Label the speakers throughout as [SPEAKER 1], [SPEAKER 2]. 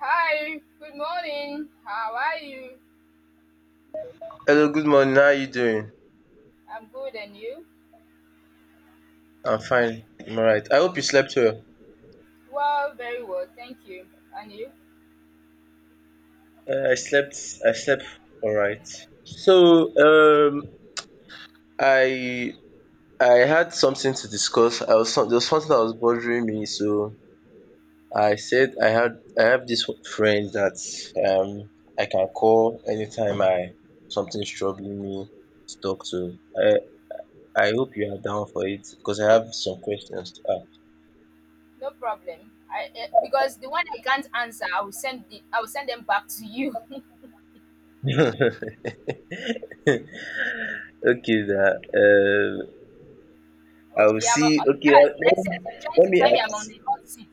[SPEAKER 1] Hi, good morning. How are you?
[SPEAKER 2] Hello, good morning. How are you doing?
[SPEAKER 1] I'm good, and you?
[SPEAKER 2] I'm fine. I'm alright. I hope you slept well.
[SPEAKER 1] Well, very well, thank you. And you?
[SPEAKER 2] I slept. I slept alright. So, um, I I had something to discuss. There was something that was bothering me. So I have this friend that um I can call anytime I something's troubling me to talk to. I hope you are down for it because I have some questions
[SPEAKER 1] No problem. I because the one I can't answer, I will send them back to you.
[SPEAKER 2] to ask. Okay that. I will
[SPEAKER 1] Okay, I'm
[SPEAKER 2] see,
[SPEAKER 1] on,
[SPEAKER 2] okay,
[SPEAKER 1] that's next
[SPEAKER 2] me
[SPEAKER 1] sentence. You're trying
[SPEAKER 2] let
[SPEAKER 1] to
[SPEAKER 2] me
[SPEAKER 1] tell me I'm on
[SPEAKER 2] ask,
[SPEAKER 1] the hot seat.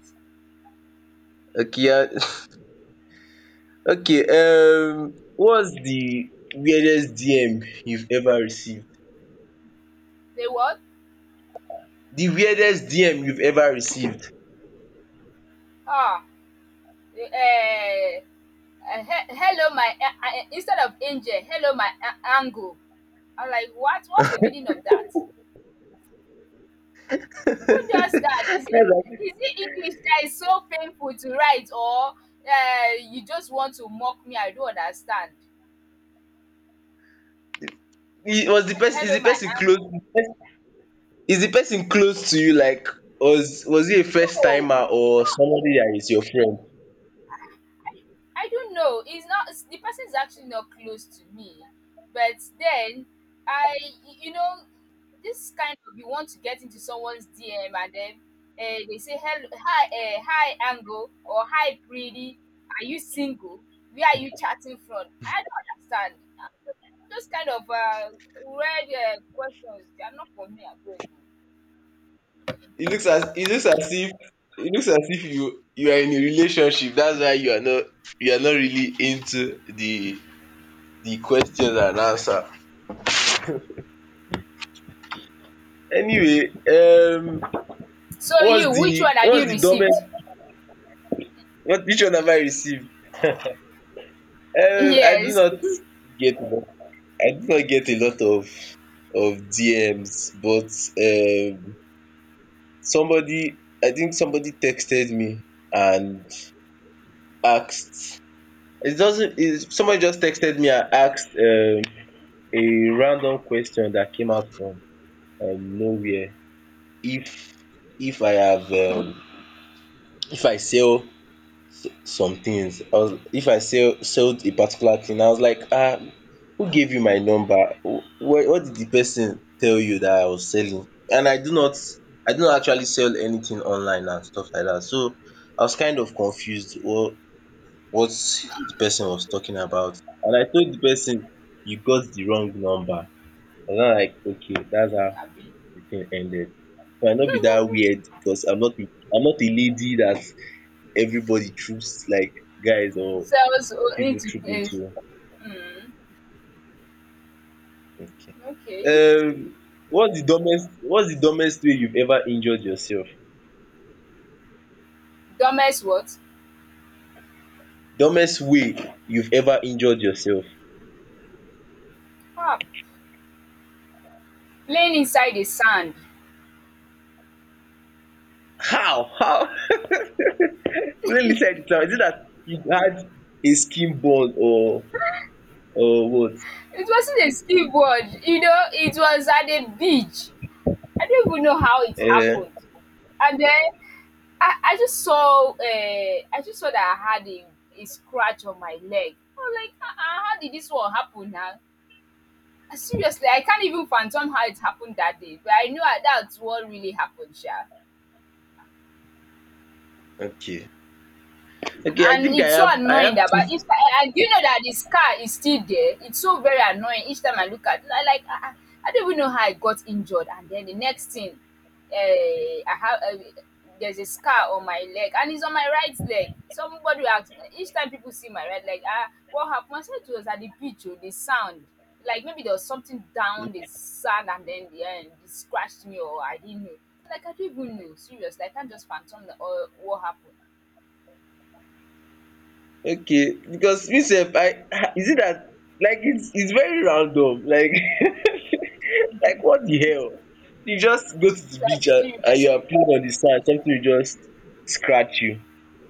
[SPEAKER 2] okay, okay, what's the weirdest DM you've ever received?
[SPEAKER 1] They what?
[SPEAKER 2] The weirdest DM you've ever received?
[SPEAKER 1] Ah, eh, Hello, my instead of angel, hello, my angle. I'm like, what? What's the meaning of that? Who does that?
[SPEAKER 2] That's like
[SPEAKER 1] Is it English that is so painful to write, or you just want to mock me? I don't understand. Hello,
[SPEAKER 2] the
[SPEAKER 1] my
[SPEAKER 2] person close,
[SPEAKER 1] angle.
[SPEAKER 2] is the person close to you like was he a first
[SPEAKER 1] No,
[SPEAKER 2] timer
[SPEAKER 1] it's
[SPEAKER 2] or
[SPEAKER 1] not.
[SPEAKER 2] somebody that is your friend?
[SPEAKER 1] I don't know. It's not it's, The person is actually not close to me, but then I, you know, this kind of you want to get into someone's DM, and then they say hello, hi, hi, Angle, or hi, Pretty. Are you single? Where are you chatting from? I don't understand. Uh, Those kind of weird questions, they are not for me. I beg.
[SPEAKER 2] It looks as it looks as if it looks as if you are in a relationship. That's why you are not really into the question and answer. Anyway,
[SPEAKER 1] So you, which one have
[SPEAKER 2] what's
[SPEAKER 1] you
[SPEAKER 2] the domain?
[SPEAKER 1] received?
[SPEAKER 2] What which one have I received? I do
[SPEAKER 1] Yes,
[SPEAKER 2] not get a lot of DMs, but um, somebody, I think somebody texted me and asked. It doesn't. It, somebody just texted me and asked. A random question that came out from nowhere. If if I have if I sell s- some things or if I sell sold a particular thing. I was like, ah, who gave you my number? What did the person tell you that I was selling? And I do not actually sell anything online and stuff like that. So I was kind of confused what the person was talking about. And I told the person, you got the wrong number. And I'm like, okay, that's how
[SPEAKER 1] Abi.
[SPEAKER 2] the thing ended. So I not be that weird because I'm not a lady that everybody troops, like, guys or
[SPEAKER 1] So so
[SPEAKER 2] people
[SPEAKER 1] into
[SPEAKER 2] troop
[SPEAKER 1] things.
[SPEAKER 2] into. Okay.
[SPEAKER 1] Okay.
[SPEAKER 2] Um what's the dumbest way you've ever injured yourself?
[SPEAKER 1] Dumbest what?
[SPEAKER 2] Dumbest way you've ever injured yourself.
[SPEAKER 1] Ah, playing inside the sand.
[SPEAKER 2] How? How? Let me tell you something. Is it that you had a skin burn or what?
[SPEAKER 1] It wasn't a skateboard, you know, it was at a beach. I don't even know how it
[SPEAKER 2] Uh,
[SPEAKER 1] happened. And then I just saw that I had a scratch on my leg. I was like, uh-uh, how did this one happen now? Seriously, I can't even fathom how it happened that day, but I know that- that's what really happened, Sha.
[SPEAKER 2] okay. Okay, I
[SPEAKER 1] And
[SPEAKER 2] think
[SPEAKER 1] it's so
[SPEAKER 2] I have
[SPEAKER 1] annoying, that
[SPEAKER 2] two.
[SPEAKER 1] but each time, and you know that the scar is still there, it's so very annoying. Each time I look at it, I don't even know how I got injured, and then the next thing I have there's a scar on my leg, and it's on my right leg. Somebody will ask, each time people see my right leg, ah, what happened? I said it was at the beach. Oh, the sound, like maybe there was something down the sand, and then the end it scratched me, or I didn't know. Like, I don't even know. Seriously, I can't just phantom the, what happened.
[SPEAKER 2] Okay, because me, I is it that, like, it's very random, like, like what the hell? You just go to the beach
[SPEAKER 1] Like,
[SPEAKER 2] and you are
[SPEAKER 1] seriously.
[SPEAKER 2] playing on the sand, something will just scratch you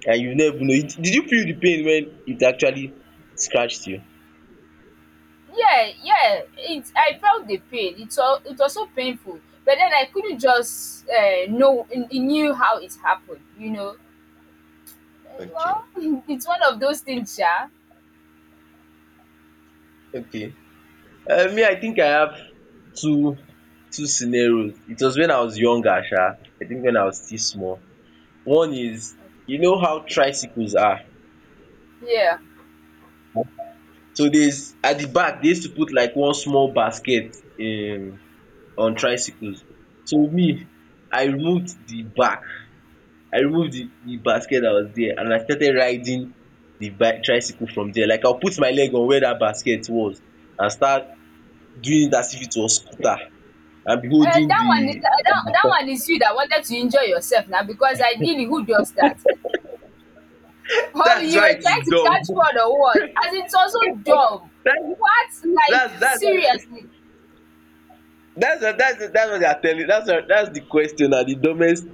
[SPEAKER 2] and you never know. Did you feel the pain when it actually scratched you?
[SPEAKER 1] Yeah, yeah, it I felt the pain. It was so painful, but then I couldn't just know it, it knew how it happened, you know. Eh,
[SPEAKER 2] Okay,
[SPEAKER 1] well, it's one of those things. Yeah,
[SPEAKER 2] okay. Me, I think I have two two scenarios. It was when I was younger, sha, I think when I was still small. One is, you know how tricycles are?
[SPEAKER 1] yeah.
[SPEAKER 2] So there's at the back, they used to put like one small basket on tricycles. So me, I removed the back, I removed the basket that was there and I started riding the bike tricycle from there. Like, I'll put my leg on where that basket was and start doing it as if it was scooter and be holding
[SPEAKER 1] That
[SPEAKER 2] the—
[SPEAKER 1] that one is you that wanted to enjoy yourself now, because ideally, who does that? Oh,
[SPEAKER 2] that's
[SPEAKER 1] you
[SPEAKER 2] why it
[SPEAKER 1] were
[SPEAKER 2] is
[SPEAKER 1] trying to
[SPEAKER 2] dumb.
[SPEAKER 1] catch word or what? As it's also dumb.
[SPEAKER 2] That's
[SPEAKER 1] What? Like,
[SPEAKER 2] that's why.
[SPEAKER 1] seriously.
[SPEAKER 2] That's what they are telling. That's the question na, the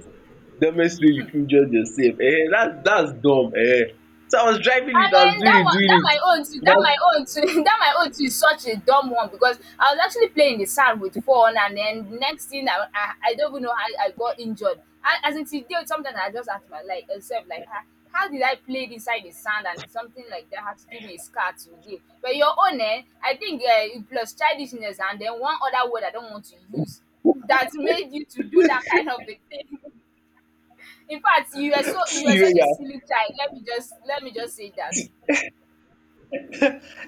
[SPEAKER 2] dumbest way you fit judge yourself. Eh, that's dumb. Eh. So I was driving it,
[SPEAKER 1] And
[SPEAKER 2] I was
[SPEAKER 1] then
[SPEAKER 2] doing
[SPEAKER 1] that
[SPEAKER 2] it,
[SPEAKER 1] one,
[SPEAKER 2] doing
[SPEAKER 1] that
[SPEAKER 2] it.
[SPEAKER 1] my own too, that
[SPEAKER 2] That's,
[SPEAKER 1] my own too, that my own too is such a dumb one, because I was actually playing the sand with phone, and then next thing I don't even know how I got injured. And as it's did, sometimes I just ask my like myself, like, ah, how did I play inside the sand, and something like that had to give me a scar today? But your own, eh, I think, plus childishness, and then one other word I don't want to use, that made you to do that kind of a thing. In fact, you are
[SPEAKER 2] see
[SPEAKER 1] so, you are
[SPEAKER 2] the way
[SPEAKER 1] such
[SPEAKER 2] you
[SPEAKER 1] a silly
[SPEAKER 2] are,
[SPEAKER 1] child. Let me just say that.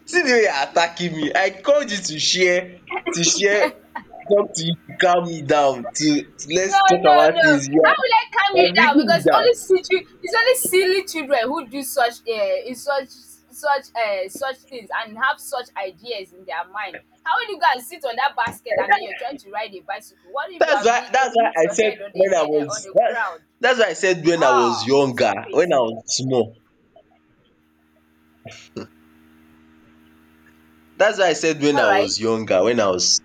[SPEAKER 2] attacking me. I called you to share, to share something to you, to calm me down, to
[SPEAKER 1] No,
[SPEAKER 2] let's talk
[SPEAKER 1] no,
[SPEAKER 2] about
[SPEAKER 1] no.
[SPEAKER 2] things.
[SPEAKER 1] How will I calm
[SPEAKER 2] You
[SPEAKER 1] you
[SPEAKER 2] are
[SPEAKER 1] down?
[SPEAKER 2] bringing me
[SPEAKER 1] Because
[SPEAKER 2] down.
[SPEAKER 1] only silly, it's only silly children who do such things, and have such ideas in their mind. How will you go and sit on that basket, and then you're trying to ride a bicycle? What if you have hit, you
[SPEAKER 2] That's why
[SPEAKER 1] hit
[SPEAKER 2] I
[SPEAKER 1] your head
[SPEAKER 2] said
[SPEAKER 1] on the
[SPEAKER 2] when I
[SPEAKER 1] on
[SPEAKER 2] was
[SPEAKER 1] the
[SPEAKER 2] that,
[SPEAKER 1] ground?
[SPEAKER 2] that's why I said when I was
[SPEAKER 1] Ah,
[SPEAKER 2] younger,
[SPEAKER 1] stop it.
[SPEAKER 2] when I was small. That's why I said when
[SPEAKER 1] All
[SPEAKER 2] I
[SPEAKER 1] right.
[SPEAKER 2] was younger, when I was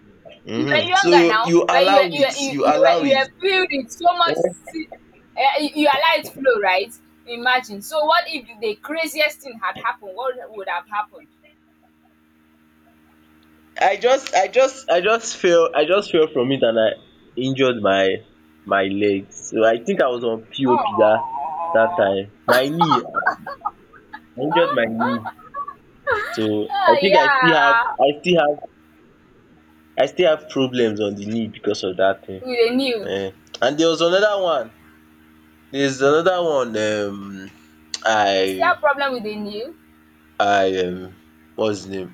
[SPEAKER 1] You were
[SPEAKER 2] mhm.
[SPEAKER 1] younger
[SPEAKER 2] So
[SPEAKER 1] now,
[SPEAKER 2] you
[SPEAKER 1] but
[SPEAKER 2] allow it, you allow
[SPEAKER 1] you
[SPEAKER 2] it.
[SPEAKER 1] were filled with so much. si- you are light flow, right? Imagine. So, what if the craziest thing had happened? What would have happened?
[SPEAKER 2] I just fell from it and I injured my leg. So I think I was on POP that that
[SPEAKER 1] Oh,
[SPEAKER 2] time. My knee, I injured my knee. So I
[SPEAKER 1] oh
[SPEAKER 2] think
[SPEAKER 1] yeah.
[SPEAKER 2] I still have problems on the knee because of that thing.
[SPEAKER 1] With a new,
[SPEAKER 2] Eh. And there was another one. There's another one.
[SPEAKER 1] you still have
[SPEAKER 2] I
[SPEAKER 1] problem with the new?
[SPEAKER 2] I What's his name?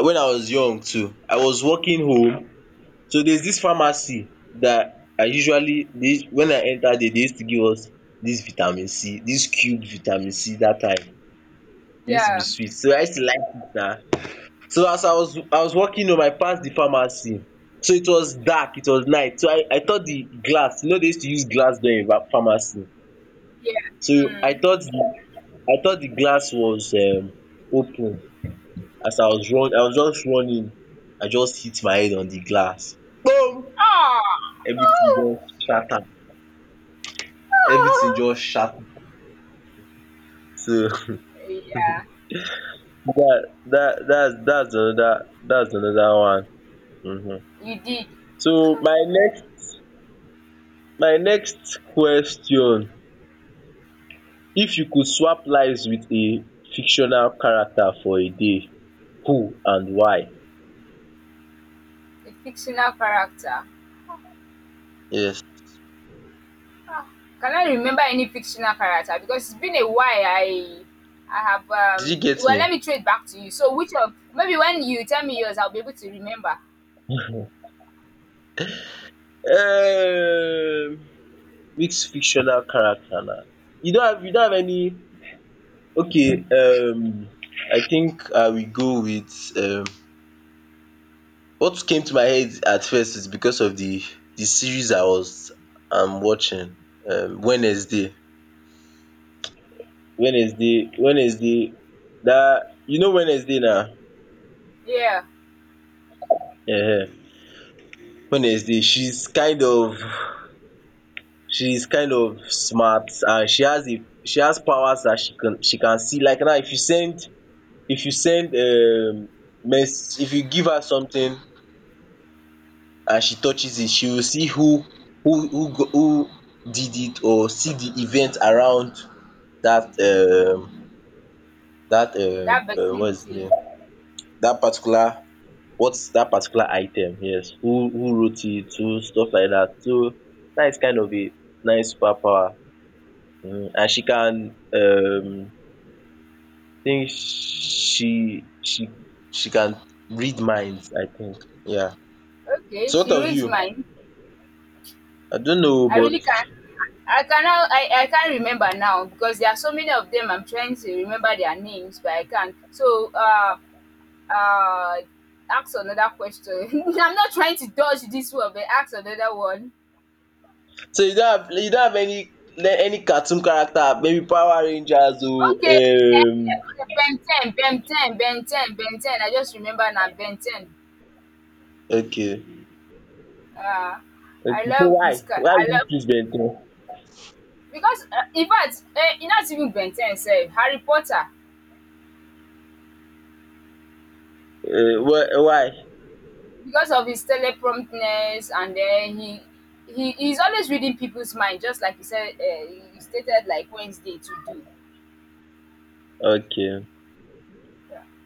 [SPEAKER 2] When I was young too, I was walking home. So there's this pharmacy that I usually, they, when I entered there, they used to give us this vitamin C, this cubed vitamin C that time. It used to be
[SPEAKER 1] Yeah,
[SPEAKER 2] sweet. So I used to like it na. So as I was walking home, I passed the pharmacy. So it was dark, it was night. So, I thought the glass, you know they used to use glass door in pharmacy.
[SPEAKER 1] yeah.
[SPEAKER 2] So I
[SPEAKER 1] Mm.
[SPEAKER 2] thought the I thought the glass was open. As I was run I was just running, I just hit my head on di glass, kpom!
[SPEAKER 1] Oh,
[SPEAKER 2] Everytin
[SPEAKER 1] oh,
[SPEAKER 2] just shatter, everytin
[SPEAKER 1] oh.
[SPEAKER 2] just shatter. So
[SPEAKER 1] Yeah.
[SPEAKER 2] dats anoda, dats anoda one. um.
[SPEAKER 1] You did
[SPEAKER 2] So my next question, if you could swap lives wit a fictional character for a day, who and why?
[SPEAKER 1] a fictional character.
[SPEAKER 2] Yes,
[SPEAKER 1] Can I remember any fictional character? Because it's been a while. I have
[SPEAKER 2] did
[SPEAKER 1] um.
[SPEAKER 2] you get
[SPEAKER 1] Well,
[SPEAKER 2] me?
[SPEAKER 1] let me throw back to you. So, which of, maybe when you tell me yours, I'll be able to remember.
[SPEAKER 2] um which fictional character na? You don have, you don have any okay, I think I will go with, um, what came to my head at first is because of the series I was watching, Wednesday, Wednesday. That, you know Wednesday now.
[SPEAKER 1] Yeah,
[SPEAKER 2] Yeah, Wednesday. She's kind of smart and she has powers that she can see. Like now, if you send, mess if you give her something, as she touches it she will see who did it, or see the event around that um that,
[SPEAKER 1] that
[SPEAKER 2] what is the
[SPEAKER 1] vicinity.
[SPEAKER 2] name, that particular what's that particular item, yes, who wrote it, who, stuff like that. So that is kind of a nice superpower. And she can, think she she she can read minds, I think. Yeah.
[SPEAKER 1] Okay,
[SPEAKER 2] So what
[SPEAKER 1] she
[SPEAKER 2] of
[SPEAKER 1] reads
[SPEAKER 2] you?
[SPEAKER 1] mine.
[SPEAKER 2] I don't know o.
[SPEAKER 1] I
[SPEAKER 2] But
[SPEAKER 1] really can't. I cannot. I can't remember now, because there are so many of them. I'm trying to remember their names, but I can't. So, uh, ask another question. I'm not trying to dodge this one, but ask another one.
[SPEAKER 2] so you don't have, you don't have any le- any cartoon character, maybe Power Rangers oh,
[SPEAKER 1] Okay. Ben 10, Ben 10. I just remember now, Ben 10.
[SPEAKER 2] okay.
[SPEAKER 1] Uh,
[SPEAKER 2] Okay,
[SPEAKER 1] I
[SPEAKER 2] so
[SPEAKER 1] love
[SPEAKER 2] why?
[SPEAKER 1] his car.
[SPEAKER 2] Why
[SPEAKER 1] I
[SPEAKER 2] would you
[SPEAKER 1] love,
[SPEAKER 2] choose Ben 10?
[SPEAKER 1] because in fact, not even Ben 10 self, Harry Potter,
[SPEAKER 2] Why?
[SPEAKER 1] because of his telepromptness. And then he's always reading people's mind, just like you said, you stated, like Wednesday to do.
[SPEAKER 2] Okay.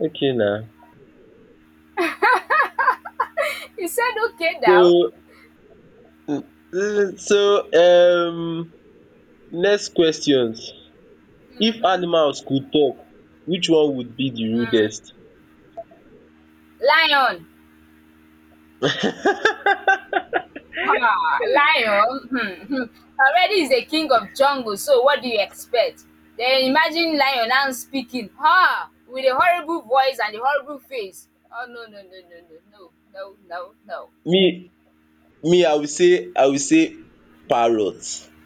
[SPEAKER 2] Okay na.
[SPEAKER 1] He said okay now,
[SPEAKER 2] So, mm, so next questions. If animals could talk, which one would be the rudest?
[SPEAKER 1] lion. Ah, lion, hmm, hmm, already is the king of jungle, so what do you expect? Then imagine lion now speaking, ah, with a horrible voice and a horrible face. Oh, no, no, no, no, no, no, no, no, no.
[SPEAKER 2] Me Me, I will say parrot.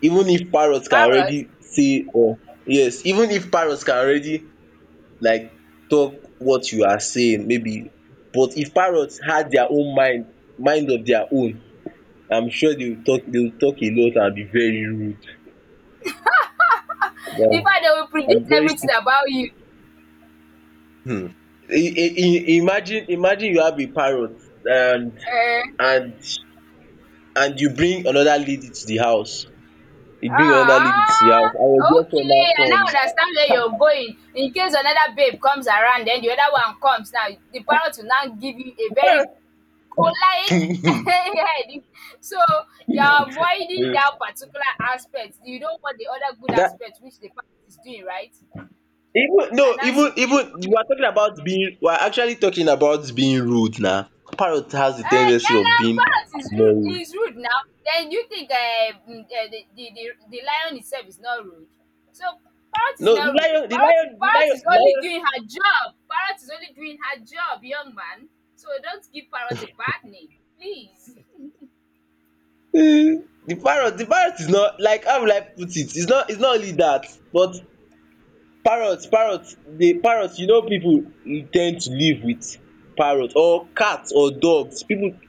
[SPEAKER 2] Even if parrot can already
[SPEAKER 1] Parrot?
[SPEAKER 2] say, or, yes, even if parrot can already, like, talk what you are saying, maybe, but if parrots had their own mind, mind of their own, I'm sure they will talk a lot and be very rude. Yeah,
[SPEAKER 1] In fact, they will
[SPEAKER 2] and
[SPEAKER 1] predict
[SPEAKER 2] very si—
[SPEAKER 1] everything about you.
[SPEAKER 2] imagine you have a parrot and
[SPEAKER 1] Eh.
[SPEAKER 2] and and you bring another lady to the house. You bring another lady to the
[SPEAKER 1] Ah,
[SPEAKER 2] house and your girlfriend
[SPEAKER 1] okay,
[SPEAKER 2] now
[SPEAKER 1] I now
[SPEAKER 2] comes.
[SPEAKER 1] understand where you're going. In case another babe comes around, then the other one comes now, the parrot will now give you a very collide
[SPEAKER 2] That,
[SPEAKER 1] head. So you're avoiding that particular aspect. You don't want the other good aspect which the parent is doing, right?
[SPEAKER 2] even no,
[SPEAKER 1] And now see where you're
[SPEAKER 2] even you
[SPEAKER 1] coming
[SPEAKER 2] are
[SPEAKER 1] from.
[SPEAKER 2] talking about being, we are actually talking about being rude now. Parrot has the
[SPEAKER 1] Eh,
[SPEAKER 2] tendency
[SPEAKER 1] yeah,
[SPEAKER 2] of
[SPEAKER 1] now
[SPEAKER 2] being
[SPEAKER 1] parents
[SPEAKER 2] more rude.
[SPEAKER 1] is rude now. Then you think, uh, mm, eh, the lion itself is not rude. So parrot is
[SPEAKER 2] No, the
[SPEAKER 1] not rude.
[SPEAKER 2] lion, the lion,
[SPEAKER 1] Parrot
[SPEAKER 2] the
[SPEAKER 1] is only
[SPEAKER 2] lion,
[SPEAKER 1] doing her job. Parrot is only doing her job, young man. So don't give parrot a bad name, please.
[SPEAKER 2] lion. Eh, the parrot, the parrot is not, like, how will I put it? It's not only that, but the parrot. You know, people tend to live with parrot or cat or dogs. People—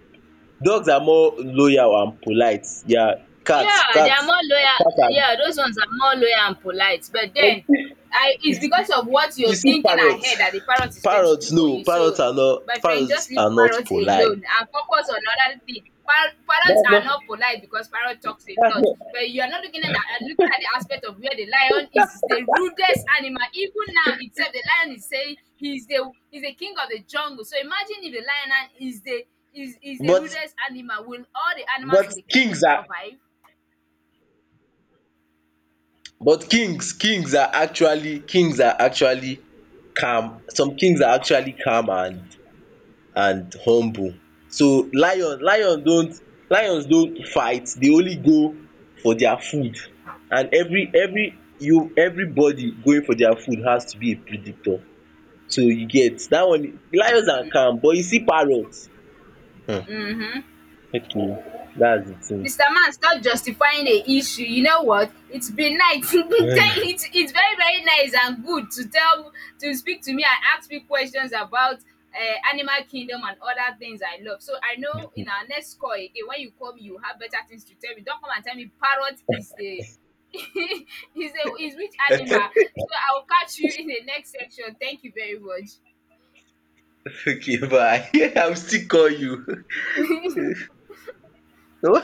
[SPEAKER 2] dogs are more loyal and polite. Yeah, cats
[SPEAKER 1] Yeah, they are
[SPEAKER 2] cats
[SPEAKER 1] more loyal.
[SPEAKER 2] cats are,
[SPEAKER 1] Yeah, those ones are more loyal and polite. But
[SPEAKER 2] but you
[SPEAKER 1] then,
[SPEAKER 2] see,
[SPEAKER 1] I,
[SPEAKER 2] you
[SPEAKER 1] it's
[SPEAKER 2] see
[SPEAKER 1] because of what
[SPEAKER 2] you
[SPEAKER 1] you're
[SPEAKER 2] see
[SPEAKER 1] thinking
[SPEAKER 2] parrots,
[SPEAKER 1] ahead that the parrot is going to do for you. So, my friend, just
[SPEAKER 2] parrots
[SPEAKER 1] leave
[SPEAKER 2] are not
[SPEAKER 1] parrots
[SPEAKER 2] polite.
[SPEAKER 1] alone and focus on other things. Parrots
[SPEAKER 2] That's not,
[SPEAKER 1] are not polite, because parrot talks
[SPEAKER 2] that's
[SPEAKER 1] a lot.
[SPEAKER 2] not
[SPEAKER 1] But you are not looking at the, looking at the aspect of where the lion is the rudest animal. Even now itself, the lion is saying he's the king of the jungle. So imagine if the lion is the is the
[SPEAKER 2] but,
[SPEAKER 1] rudest animal. Will all the animals
[SPEAKER 2] but
[SPEAKER 1] in the
[SPEAKER 2] kings
[SPEAKER 1] kingdom
[SPEAKER 2] are
[SPEAKER 1] survive?
[SPEAKER 2] but kings are actually, calm. Some kings are actually calm and, humble. So, lions don't fight, they only go for their food, and everybody going for their food has to be a predator. So you get dat one, lions are calm, but you see parrot, um
[SPEAKER 1] Mhm.
[SPEAKER 2] okay, dats de thing.
[SPEAKER 1] Mr. Man, stop justifying the issue. You know what? It's been nice. Thank- it's very, very nice and good to tell, to speak to me and ask me questions about Animal Kingdom and other things I love. So I know, in our next call again, when you call me, you have better things to tell me. Don't come and tell me parrot is the is a, is which animal. So I'll catch you in the next section. Thank you very much.
[SPEAKER 2] Okay, bye. I will still call you.